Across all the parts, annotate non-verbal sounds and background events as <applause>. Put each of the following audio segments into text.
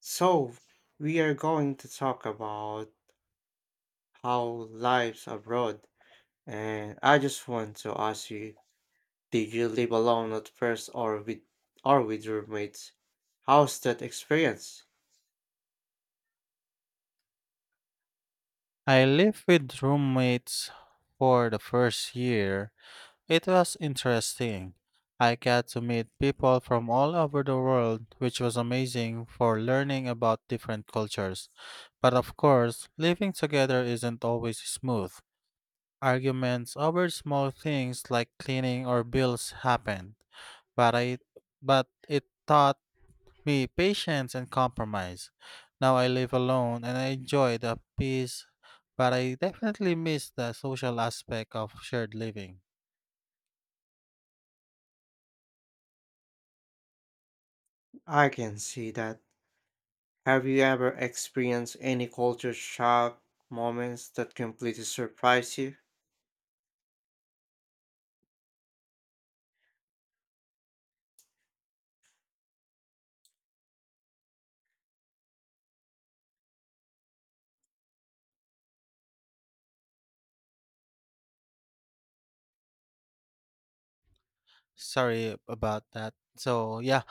So, we are going to talk about how lives abroad, and I just want to ask you, did you live alone at first or with roommates? How's that experience? I lived with roommates for the first year. It was interesting. I got to meet people from all over the world, which was amazing for learning about different cultures. But of course, living together isn't always smooth. Arguments over small things like cleaning or bills happened. But I but it taught be patient and compromise. Now I live alone and I enjoy the peace, but I definitely miss the social aspect of shared living. I can see that. Have you ever experienced any culture shock moments that completely surprise you? Sorry about that. So, yeah,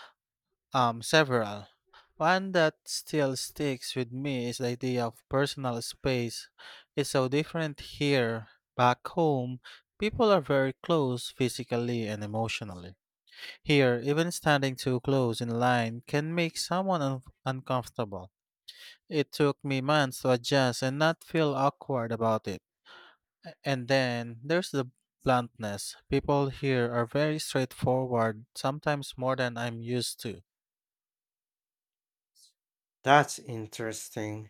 several. One that still sticks with me is the idea of personal space. It's so different here. Back home, people are very close physically and emotionally. Here, even standing too close in line can make someone uncomfortable. It took me months to adjust and not feel awkward about it. And then there's the bluntness. People here are very straightforward, sometimes more than I'm used to. That's interesting.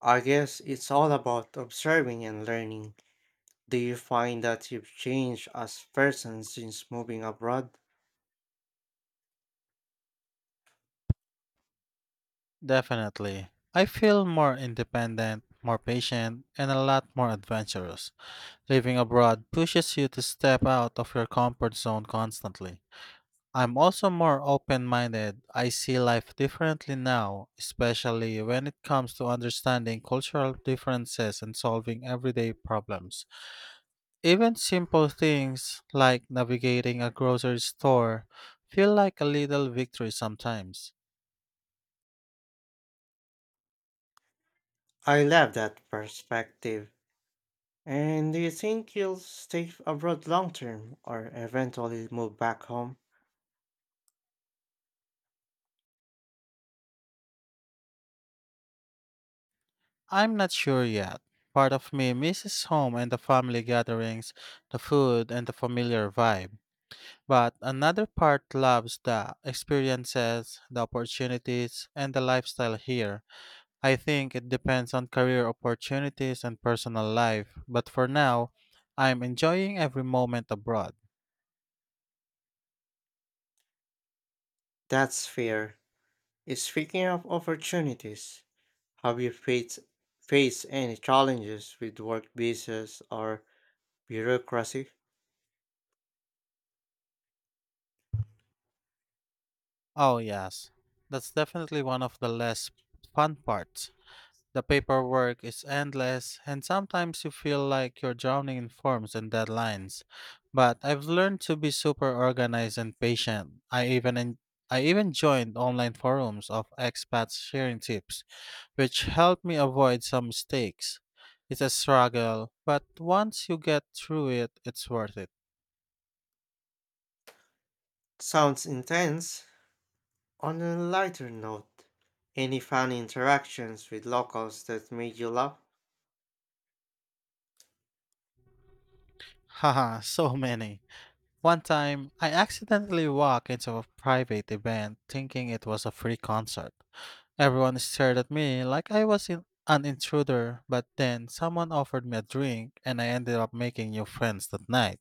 I guess it's all about observing and learning. Do you find that you've changed as a person since moving abroad? Definitely. I feel more independent, more patient, and a lot more adventurous. Living abroad pushes you to step out of your comfort zone constantly. I'm also more open minded. I see life differently now, especially when it comes to understanding cultural differences and solving everyday problems. Even simple things like navigating a grocery store feel like a little victory sometimes. I love that perspective. And do you think you'll stay abroad long term or eventually move back home? I'm not sure yet. Part of me misses home and the family gatherings, the food, and the familiar vibe. But another part loves the experiences, the opportunities, and the lifestyle here. I think it depends on career opportunities and personal life, but for now, I'm enjoying every moment abroad. That's fair. Speaking of opportunities, have you faced any challenges with work visas or bureaucracy? Oh, yes, that's definitely one of the less fun parts. The paperwork is endless, and sometimes you feel like you're drowning in forms and deadlines. But I've learned to be super organized and patient. I even joined online forums of expats sharing tips which helped me avoid some mistakes. It's a struggle, but once you get through it, it's worth it. Sounds intense. On a lighter note, any fun interactions with locals that made you laugh? <laughs> Haha, so many. One time, I accidentally walked into a private event thinking it was a free concert. Everyone stared at me like I was an intruder, but then someone offered me a drink and I ended up making new friends that night.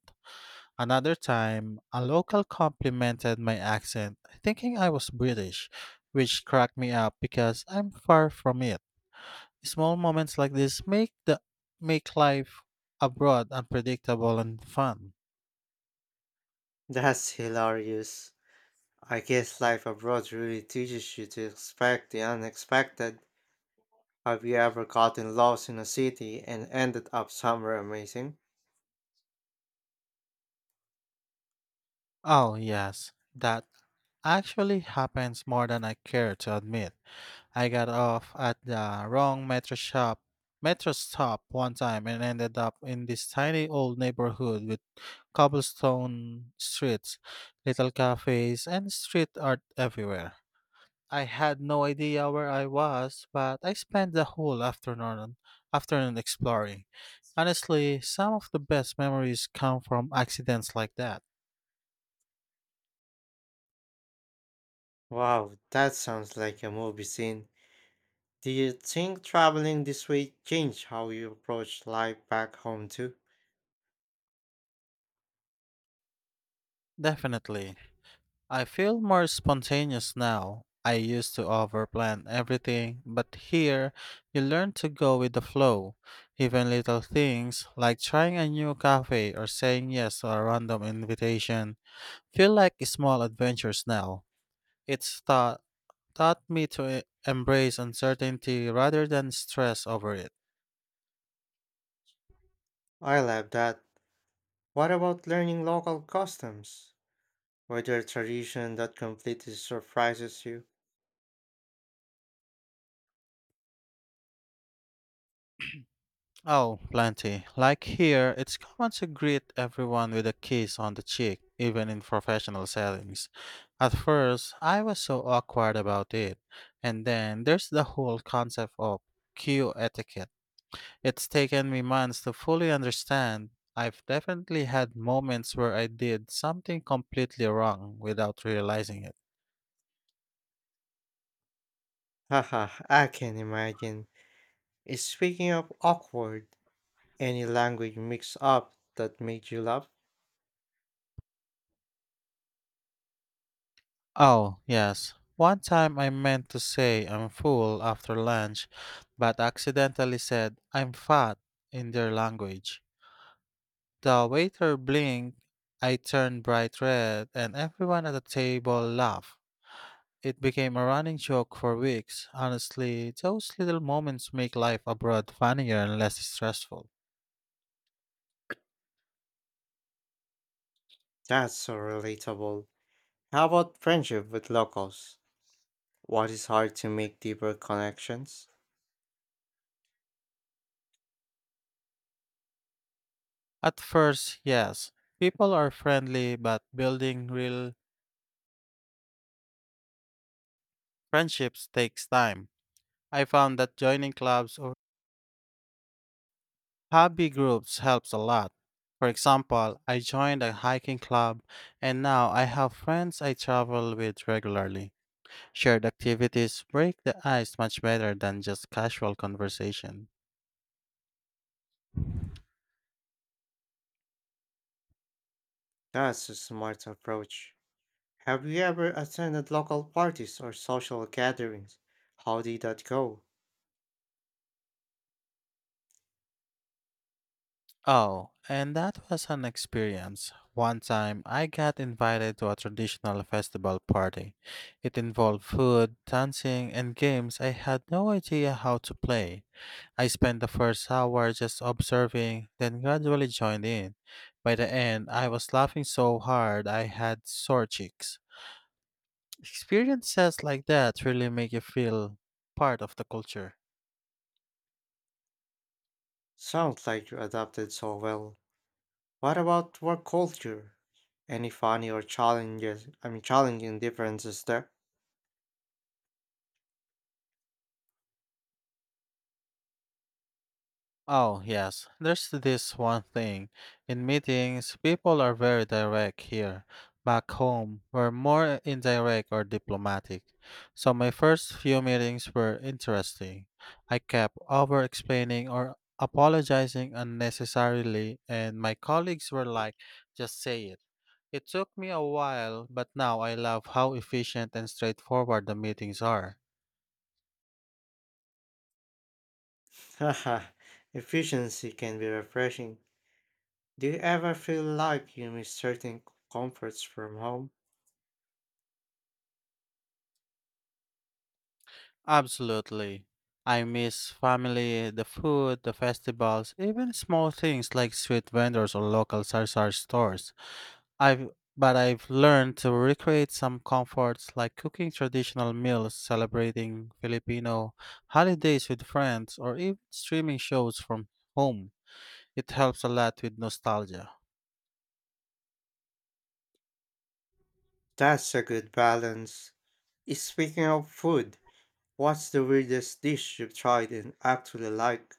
Another time, a local complimented my accent, thinking I was British, which cracked me up because I'm far from it. Small moments like this make the Make life abroad unpredictable and fun. That's hilarious. I guess life abroad really teaches you to expect the unexpected. Have you ever gotten lost in a city and ended up somewhere amazing? Oh yes, that actually happens more than I care to admit. I got off at the wrong metro shop metro stop one time and ended up in this tiny old neighborhood with cobblestone streets, little cafes, and street art everywhere. I had no idea where I was, but I spent the whole afternoon exploring. Honestly, some of the best memories come from accidents like that. Wow, that sounds like a movie scene. Do you think traveling this way changed how you approach life back home too? Definitely. I feel more spontaneous now. I used to overplan everything, but here you learn to go with the flow. Even little things like trying a new cafe or saying yes to a random invitation feel like small adventures now. It's taught me to embrace uncertainty rather than stress over it. I love that. What about learning local customs? Were there tradition that completely surprises you? Oh, plenty. Like here, it's common to greet everyone with a kiss on the cheek, even in professional settings. At first, I was so awkward about it. And then there's the whole concept of queue etiquette. It's taken me months to fully understand. I've definitely had moments where I did something completely wrong without realizing it. <laughs> Haha, I can imagine. Speaking of awkward, any language mix up that made you laugh? Oh, yes. One time I meant to say I'm full after lunch, but accidentally said I'm fat in their language. The waiter blinked, I turned bright red, and everyone at the table laughed. It became a running joke for weeks. Honestly, those little moments make life abroad funnier and less stressful. That's so relatable. How about friendship with locals? What is hard to make deeper connections? At first, yes, people are friendly, but building real friendships takes time. I found that joining clubs or hobby groups helps a lot. For example, I joined a hiking club and now I have friends I travel with regularly. Shared activities break the ice much better than just casual conversation. That's a smart approach. Have you ever attended local parties or social gatherings? How did that go? Oh, and that was an experience. One time I got invited to a traditional festival party. It involved food, dancing, and games I had no idea how to play. I spent the first hour just observing, then gradually joined in. By the end, I was laughing so hard I had sore cheeks. Experiences like that really make you feel part of the culture. Sounds like you adapted so well. What about work culture? Any funny or challenges, I mean challenging differences there? Oh, yes. There's this one thing. In meetings, people are very direct here. Back home, we're more indirect or diplomatic. So my first few meetings were interesting. I kept over explaining or apologizing unnecessarily, and my colleagues were like, just say it. It took me a while, but now I love how efficient and straightforward the meetings are. <laughs> Haha, efficiency can be refreshing. Do you ever feel like you miss certain comforts from home? Absolutely. I miss family, the food, the festivals, even small things like street vendors or local sarsar stores. I've But I've learned to recreate some comforts like cooking traditional meals, celebrating Filipino holidays with friends, or even streaming shows from home. It helps a lot with nostalgia. That's a good balance. Speaking of food, what's the weirdest dish you've tried and actually like?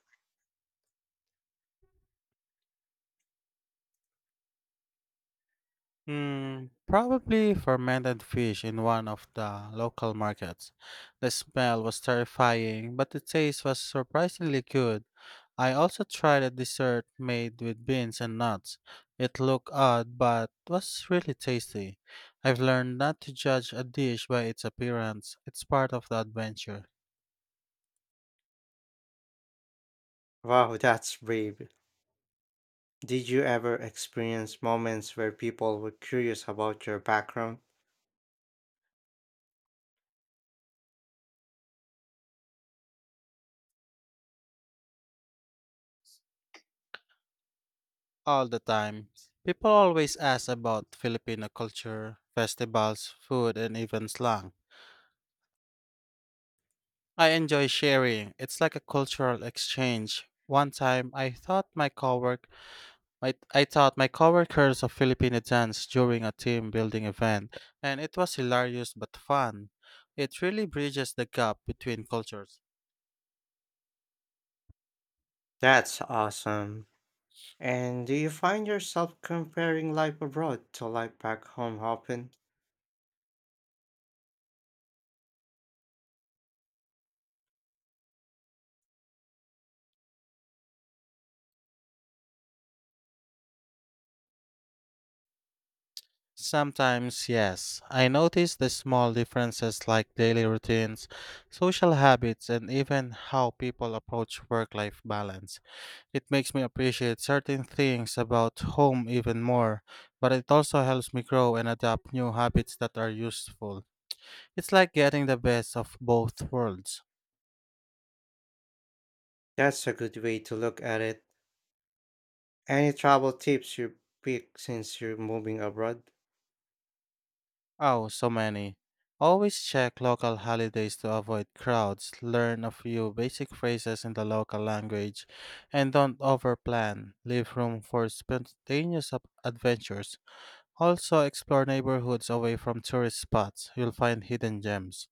Hmm, probably fermented fish in one of the local markets. The smell was terrifying, but the taste was surprisingly good. I also tried a dessert made with beans and nuts. It looked odd, but was really tasty. I've learned not to judge a dish by its appearance. It's part of the adventure. Wow, <laughs> that's brave. Did you ever experience moments where people were curious about your background? All the time. People always ask about Filipino culture, festivals, food, and even slang. I enjoy sharing. It's like a cultural exchange. One time, I thought my cowork, my, I taught my coworkers a Filipino dance during a team building event, and it was hilarious but fun. It really bridges the gap between cultures. That's awesome. And do you find yourself comparing life abroad to life back home often? Sometimes, yes, I notice the small differences like daily routines, social habits, and even how people approach work-life balance. It makes me appreciate certain things about home even more, but it also helps me grow and adapt new habits that are useful. It's like getting the best of both worlds. That's a good way to look at it. Any travel tips you pick since you're moving abroad? Oh, so many. Always check local holidays to avoid crowds, learn a few basic phrases in the local language, and don't overplan. Leave room for spontaneous adventures. Also, explore neighborhoods away from tourist spots. You'll find hidden gems.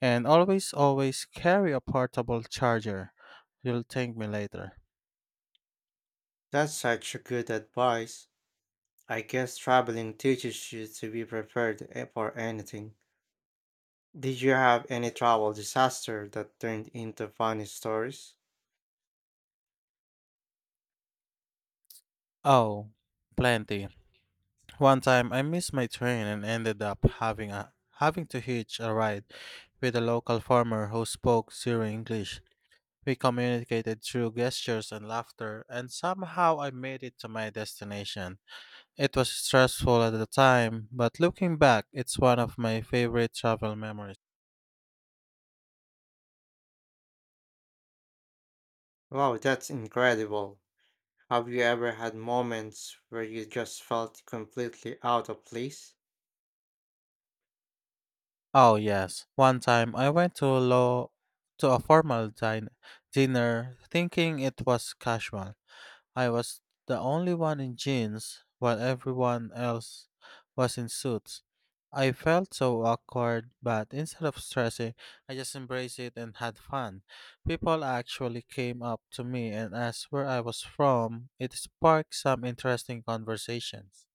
And always, always carry a portable charger. You'll thank me later. That's such a good advice. I guess traveling teaches you to be prepared for anything. Did you have any travel disaster that turned into funny stories? Oh, plenty. One time I missed my train and ended up having a having to hitch a ride with a local farmer who spoke zero English. We communicated through gestures and laughter, and somehow I made it to my destination. It was stressful at the time, but looking back, it's one of my favorite travel memories. Wow, that's incredible. Have you ever had moments where you just felt completely out of place? Oh yes. One time I went to law to a formal dinner thinking it was casual. I was the only one in jeans while everyone else was in suits. I felt so awkward, but instead of stressing, I just embraced it and had fun. People actually came up to me and asked where I was from. It sparked some interesting conversations.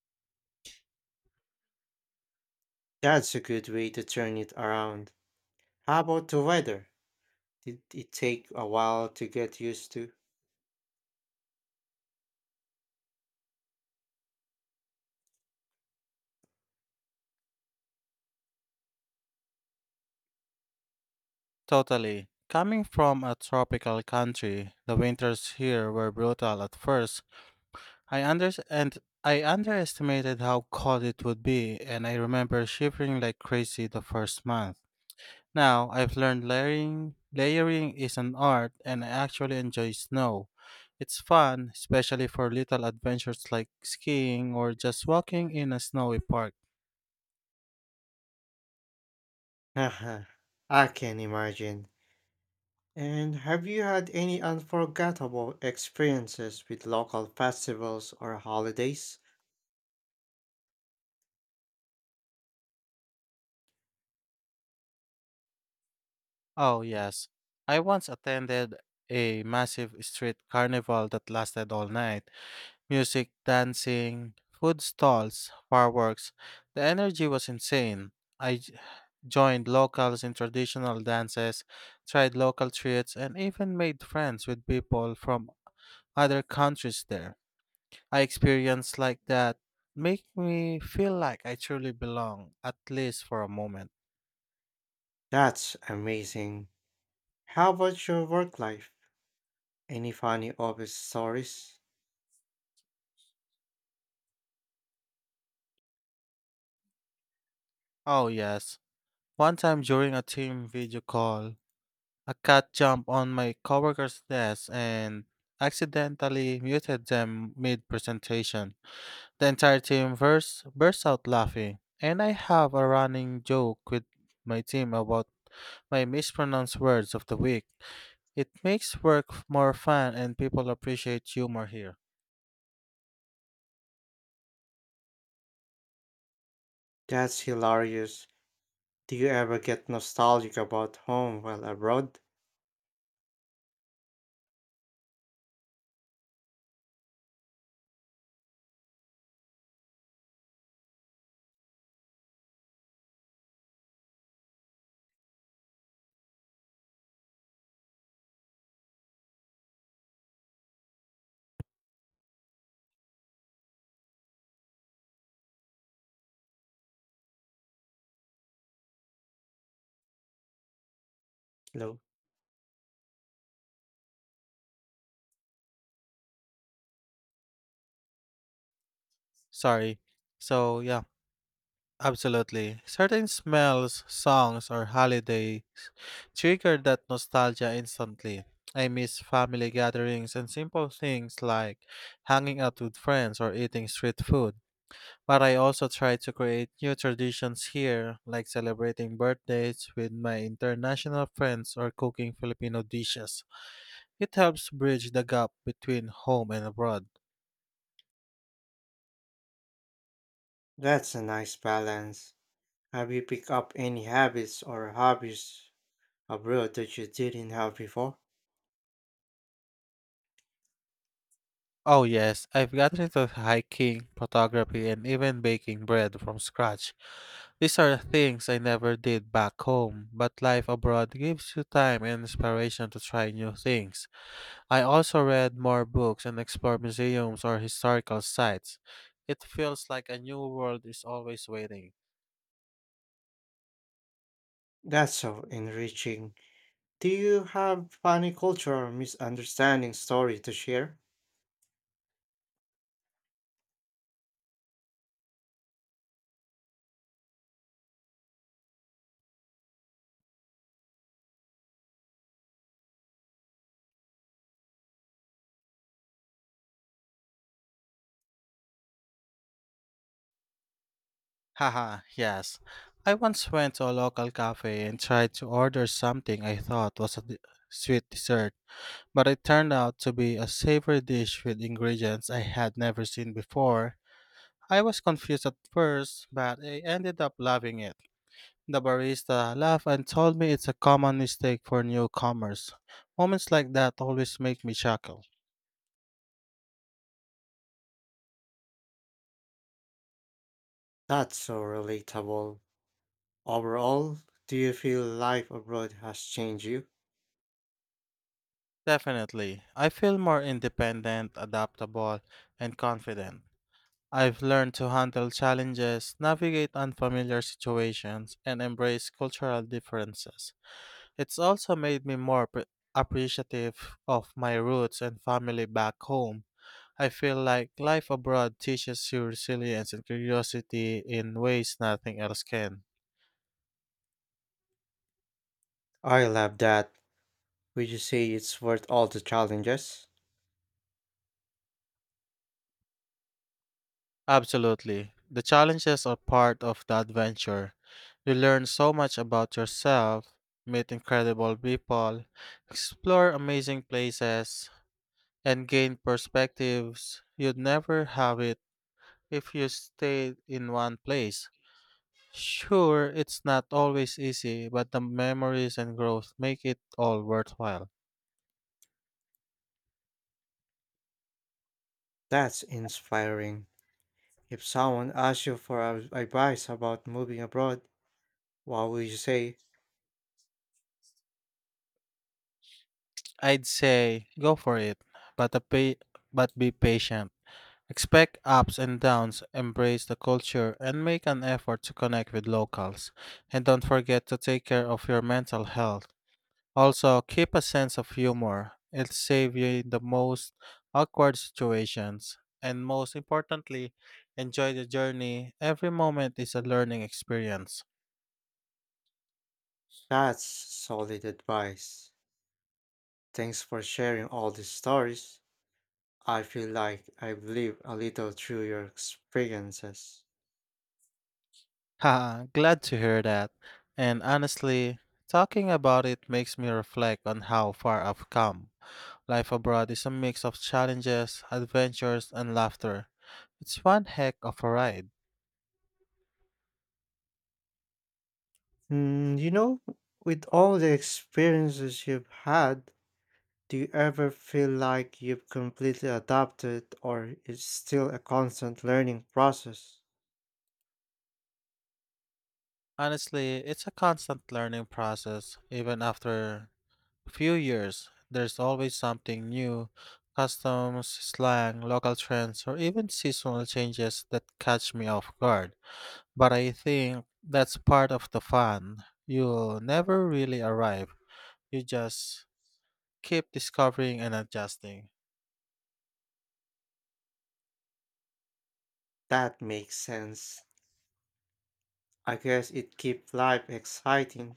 That's a good way to turn it around. How about the weather? Did it take a while to get used to? Totally. Coming from a tropical country, the winters here were brutal at first. I under and I underestimated how cold it would be, and I remember shivering like crazy the first month. Now I've learned layering. Layering is an art, and I actually enjoy snow. It's fun, especially for little adventures like skiing or just walking in a snowy park. <laughs> Haha, I can imagine. And have you had any unforgettable experiences with local festivals or holidays? Oh yes, I once attended a massive street carnival that lasted all night. Music, dancing, food stalls, fireworks. The energy was insane. I joined locals in traditional dances, tried local treats, and even made friends with people from other countries there. I experienced like that make me feel like I truly belong, at least for a moment. That's amazing. How about your work life? Any funny office stories? Oh yes. One time during a team video call, a cat jumped on my coworker's desk and accidentally muted them mid presentation. The entire team burst out laughing, and I have a running joke with my team about my mispronounced words of the week. It makes work more fun and people appreciate humor here. That's hilarious. Do you ever get nostalgic about home while abroad? No. Sorry. So, yeah. Absolutely. Certain smells, songs, or holidays trigger that nostalgia instantly. I miss family gatherings and simple things like hanging out with friends or eating street food. But I also try to create new traditions here, like celebrating birthdays with my international friends or cooking Filipino dishes. It helps bridge the gap between home and abroad. That's a nice balance. Have you picked up any habits or hobbies abroad that you didn't have before? Oh, yes, I've gotten into hiking, photography, and even baking bread from scratch. These are things I never did back home, but life abroad gives you time and inspiration to try new things. I also read more books and explored museums or historical sites. It feels like a new world is always waiting. That's so enriching. Do you have funny cultural misunderstanding story to share? Haha, yes. I once went to a local cafe and tried to order something I thought was a sweet dessert, but it turned out to be a savory dish with ingredients I had never seen before. I was confused at first, but I ended up loving it. The barista laughed and told me it's a common mistake for newcomers. Moments like that always make me chuckle. That's so relatable. Overall, do you feel life abroad has changed you? Definitely. I feel more independent, adaptable, and confident. I've learned to handle challenges, navigate unfamiliar situations, and embrace cultural differences. It's also made me more appreciative of my roots and family back home. I feel like life abroad teaches you resilience and curiosity in ways nothing else can. I love that. Would you say it's worth all the challenges? Absolutely. The challenges are part of the adventure. You learn so much about yourself, meet incredible people, explore amazing places, and gain perspectives you'd never have it if you stayed in one place. Sure, it's not always easy, but the memories and growth make it all worthwhile. That's inspiring. If someone asks you for advice about moving abroad, what would you say? I'd say go for it, but a pay, but be patient. Expect ups and downs, embrace the culture, and make an effort to connect with locals. And don't forget to take care of your mental health. Also, keep a sense of humor. It'll save you in the most awkward situations. And most importantly, enjoy the journey. Every moment is a learning experience. That's solid advice. Thanks for sharing all these stories. I feel like I've lived a little through your experiences. Haha, glad to hear that. And honestly, talking about it makes me reflect on how far I've come. Life abroad is a mix of challenges, adventures, and laughter. It's one heck of a ride. Mm, you know, with all the experiences you've had, do you ever feel like you've completely adapted or it's still a constant learning process? Honestly, it's a constant learning process. Even after a few years, there's always something new: customs, slang, local trends, or even seasonal changes that catch me off guard. But I think that's part of the fun. You never really arrive. You just keep discovering and adjusting. That makes sense. I guess it keeps life exciting.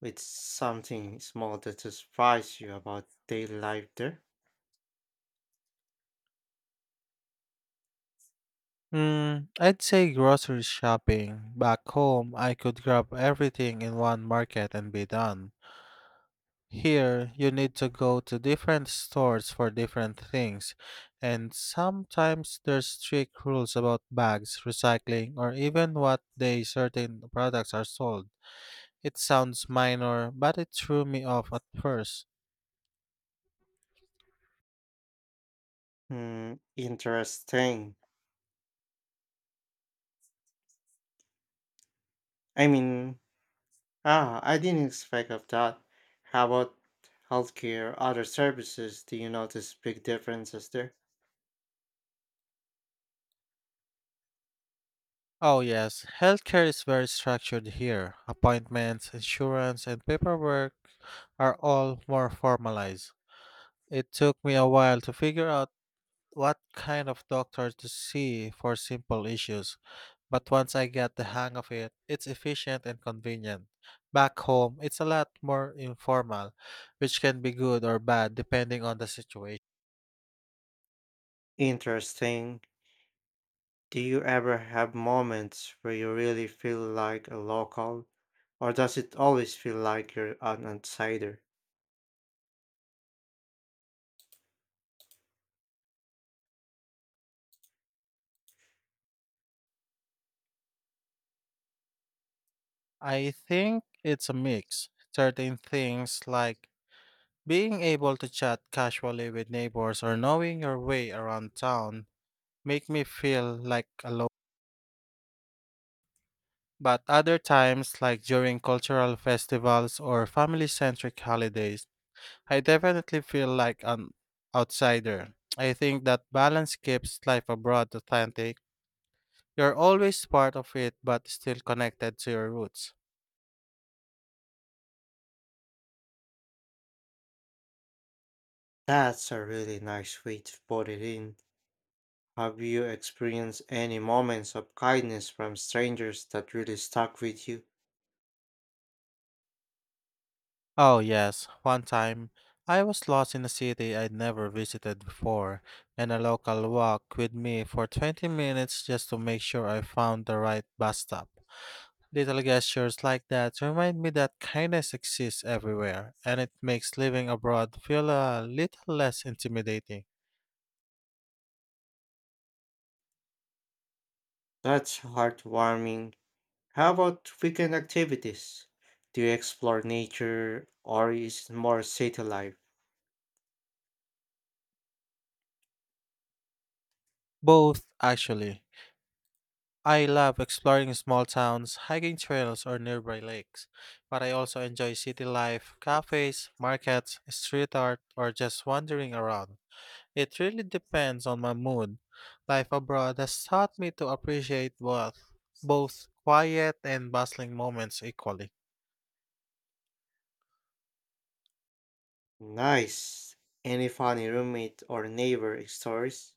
With something small that surprised you about daily life there? Mm, I'd say grocery shopping. Back home, I could grab everything in one market and be done. Here, you need to go to different stores for different things, and sometimes there's strict rules about bags, recycling, or even what day certain products are sold. It sounds minor, but it threw me off at first. Hmm, interesting. I mean, I didn't expect of that. How about healthcare, other services? Do you notice big differences there? Oh, yes, healthcare is very structured here. Appointments, insurance, and paperwork are all more formalized. It took me a while to figure out what kind of doctor to see for simple issues, but once I got the hang of it, it's efficient and convenient. Back home, it's a lot more informal, which can be good or bad depending on the situation. Interesting. Do you ever have moments where you really feel like a local, or does it always feel like you're an outsider? I think it's a mix. Certain things, like being able to chat casually with neighbors or knowing your way around town, make me feel like a local. But other times, like during cultural festivals or family centric holidays, I definitely feel like an outsider. I think that balance keeps life abroad authentic. You're always part of it but still connected to your roots. That's a really nice way to put it in. Have you experienced any moments of kindness from strangers that really stuck with you? Oh, yes. One time, I was lost in a city I'd never visited before, and a local walked with me for 20 minutes just to make sure I found the right bus stop. Little gestures like that remind me that kindness exists everywhere, and it makes living abroad feel a little less intimidating. That's heartwarming. How about weekend activities? Do you explore nature or is it more city life? Both, actually. I love exploring small towns, hiking trails, or nearby lakes, but I also enjoy city life, cafes, markets, street art, or just wandering around. It really depends on my mood. Life abroad has taught me to appreciate both, both quiet and bustling moments equally. Nice. Any funny roommate or neighbor stories?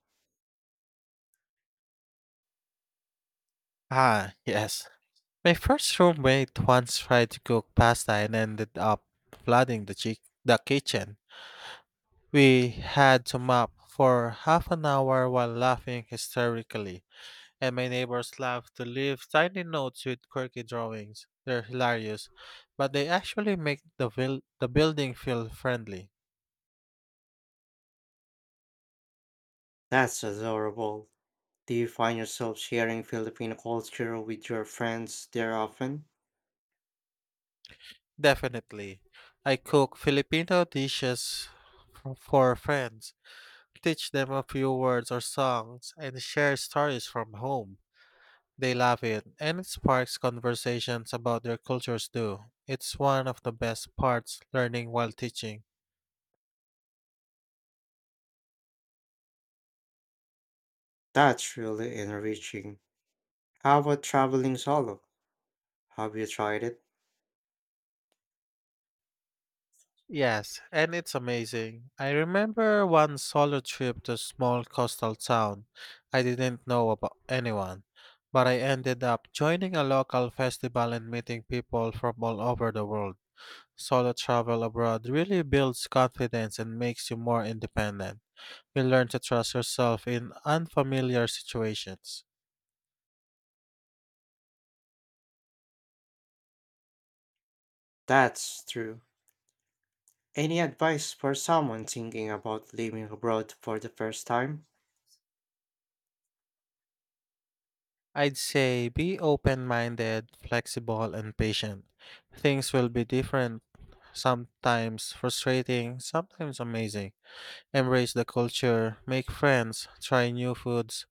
Ah, yes. My first roommate once tried to cook pasta and ended up flooding the kitchen. We had to mop for half an hour while laughing hysterically, and my neighbors love to leave tiny notes with quirky drawings. They're hilarious, but they actually make the building feel friendly. That's adorable. Do you find yourself sharing Filipino culture with your friends there often? Definitely. I cook Filipino dishes for friends, teach them a few words or songs, and share stories from home. They love it, and it sparks conversations about their cultures too. It's one of the best parts: learning while teaching. That's really enriching. How about traveling solo? Have you tried it? Yes, and it's amazing. I remember one solo trip to a small coastal town. I didn't know about anyone, but I ended up joining a local festival and meeting people from all over the world. Solo travel abroad really builds confidence and makes you more independent. You learn to trust yourself in unfamiliar situations. That's true. Any advice for someone thinking about living abroad for the first time? I'd say be open minded, flexible, and patient. Things will be different, sometimes frustrating, sometimes amazing. Embrace the culture, make friends, try new foods,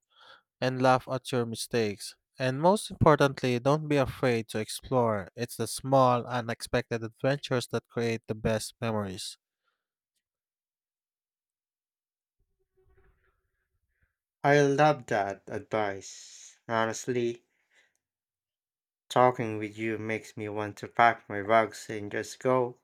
and laugh at your mistakes. And most importantly, don't be afraid to explore. It's the small, unexpected adventures that create the best memories. I love that advice. Honestly, talking with you makes me want to pack my bags and just go.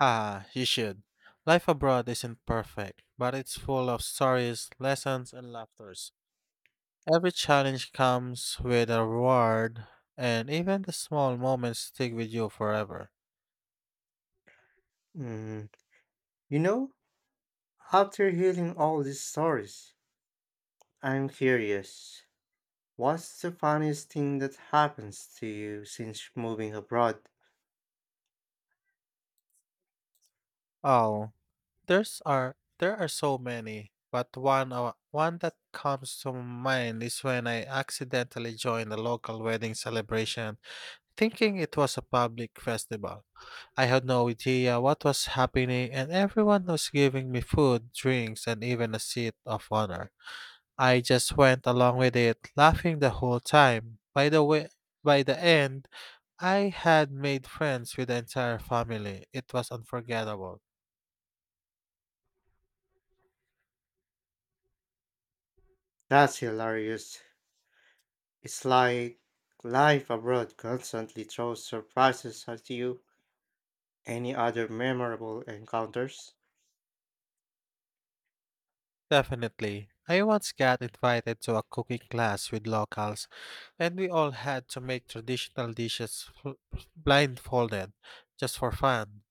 Ah, you should. Life abroad isn't perfect, but it's full of stories, lessons, and laughters. Every challenge comes with a reward, and even the small moments stick with you forever. Mm, you know, after hearing all these stories, I'm curious. What's the funniest thing that happens to you since moving abroad? Oh, there's are there are so many, but one that comes to mind is when I accidentally joined a local wedding celebration, thinking it was a public festival. I had no idea what was happening, and everyone was giving me food, drinks, and even a seat of honor. I just went along with it, laughing the whole time. By the end, I had made friends with the entire family. It was unforgettable. That's hilarious. It's like life abroad constantly throws surprises at you. Any other memorable encounters? Definitely. I once got invited to a cooking class with locals, and we all had to make traditional dishes blindfolded just for fun.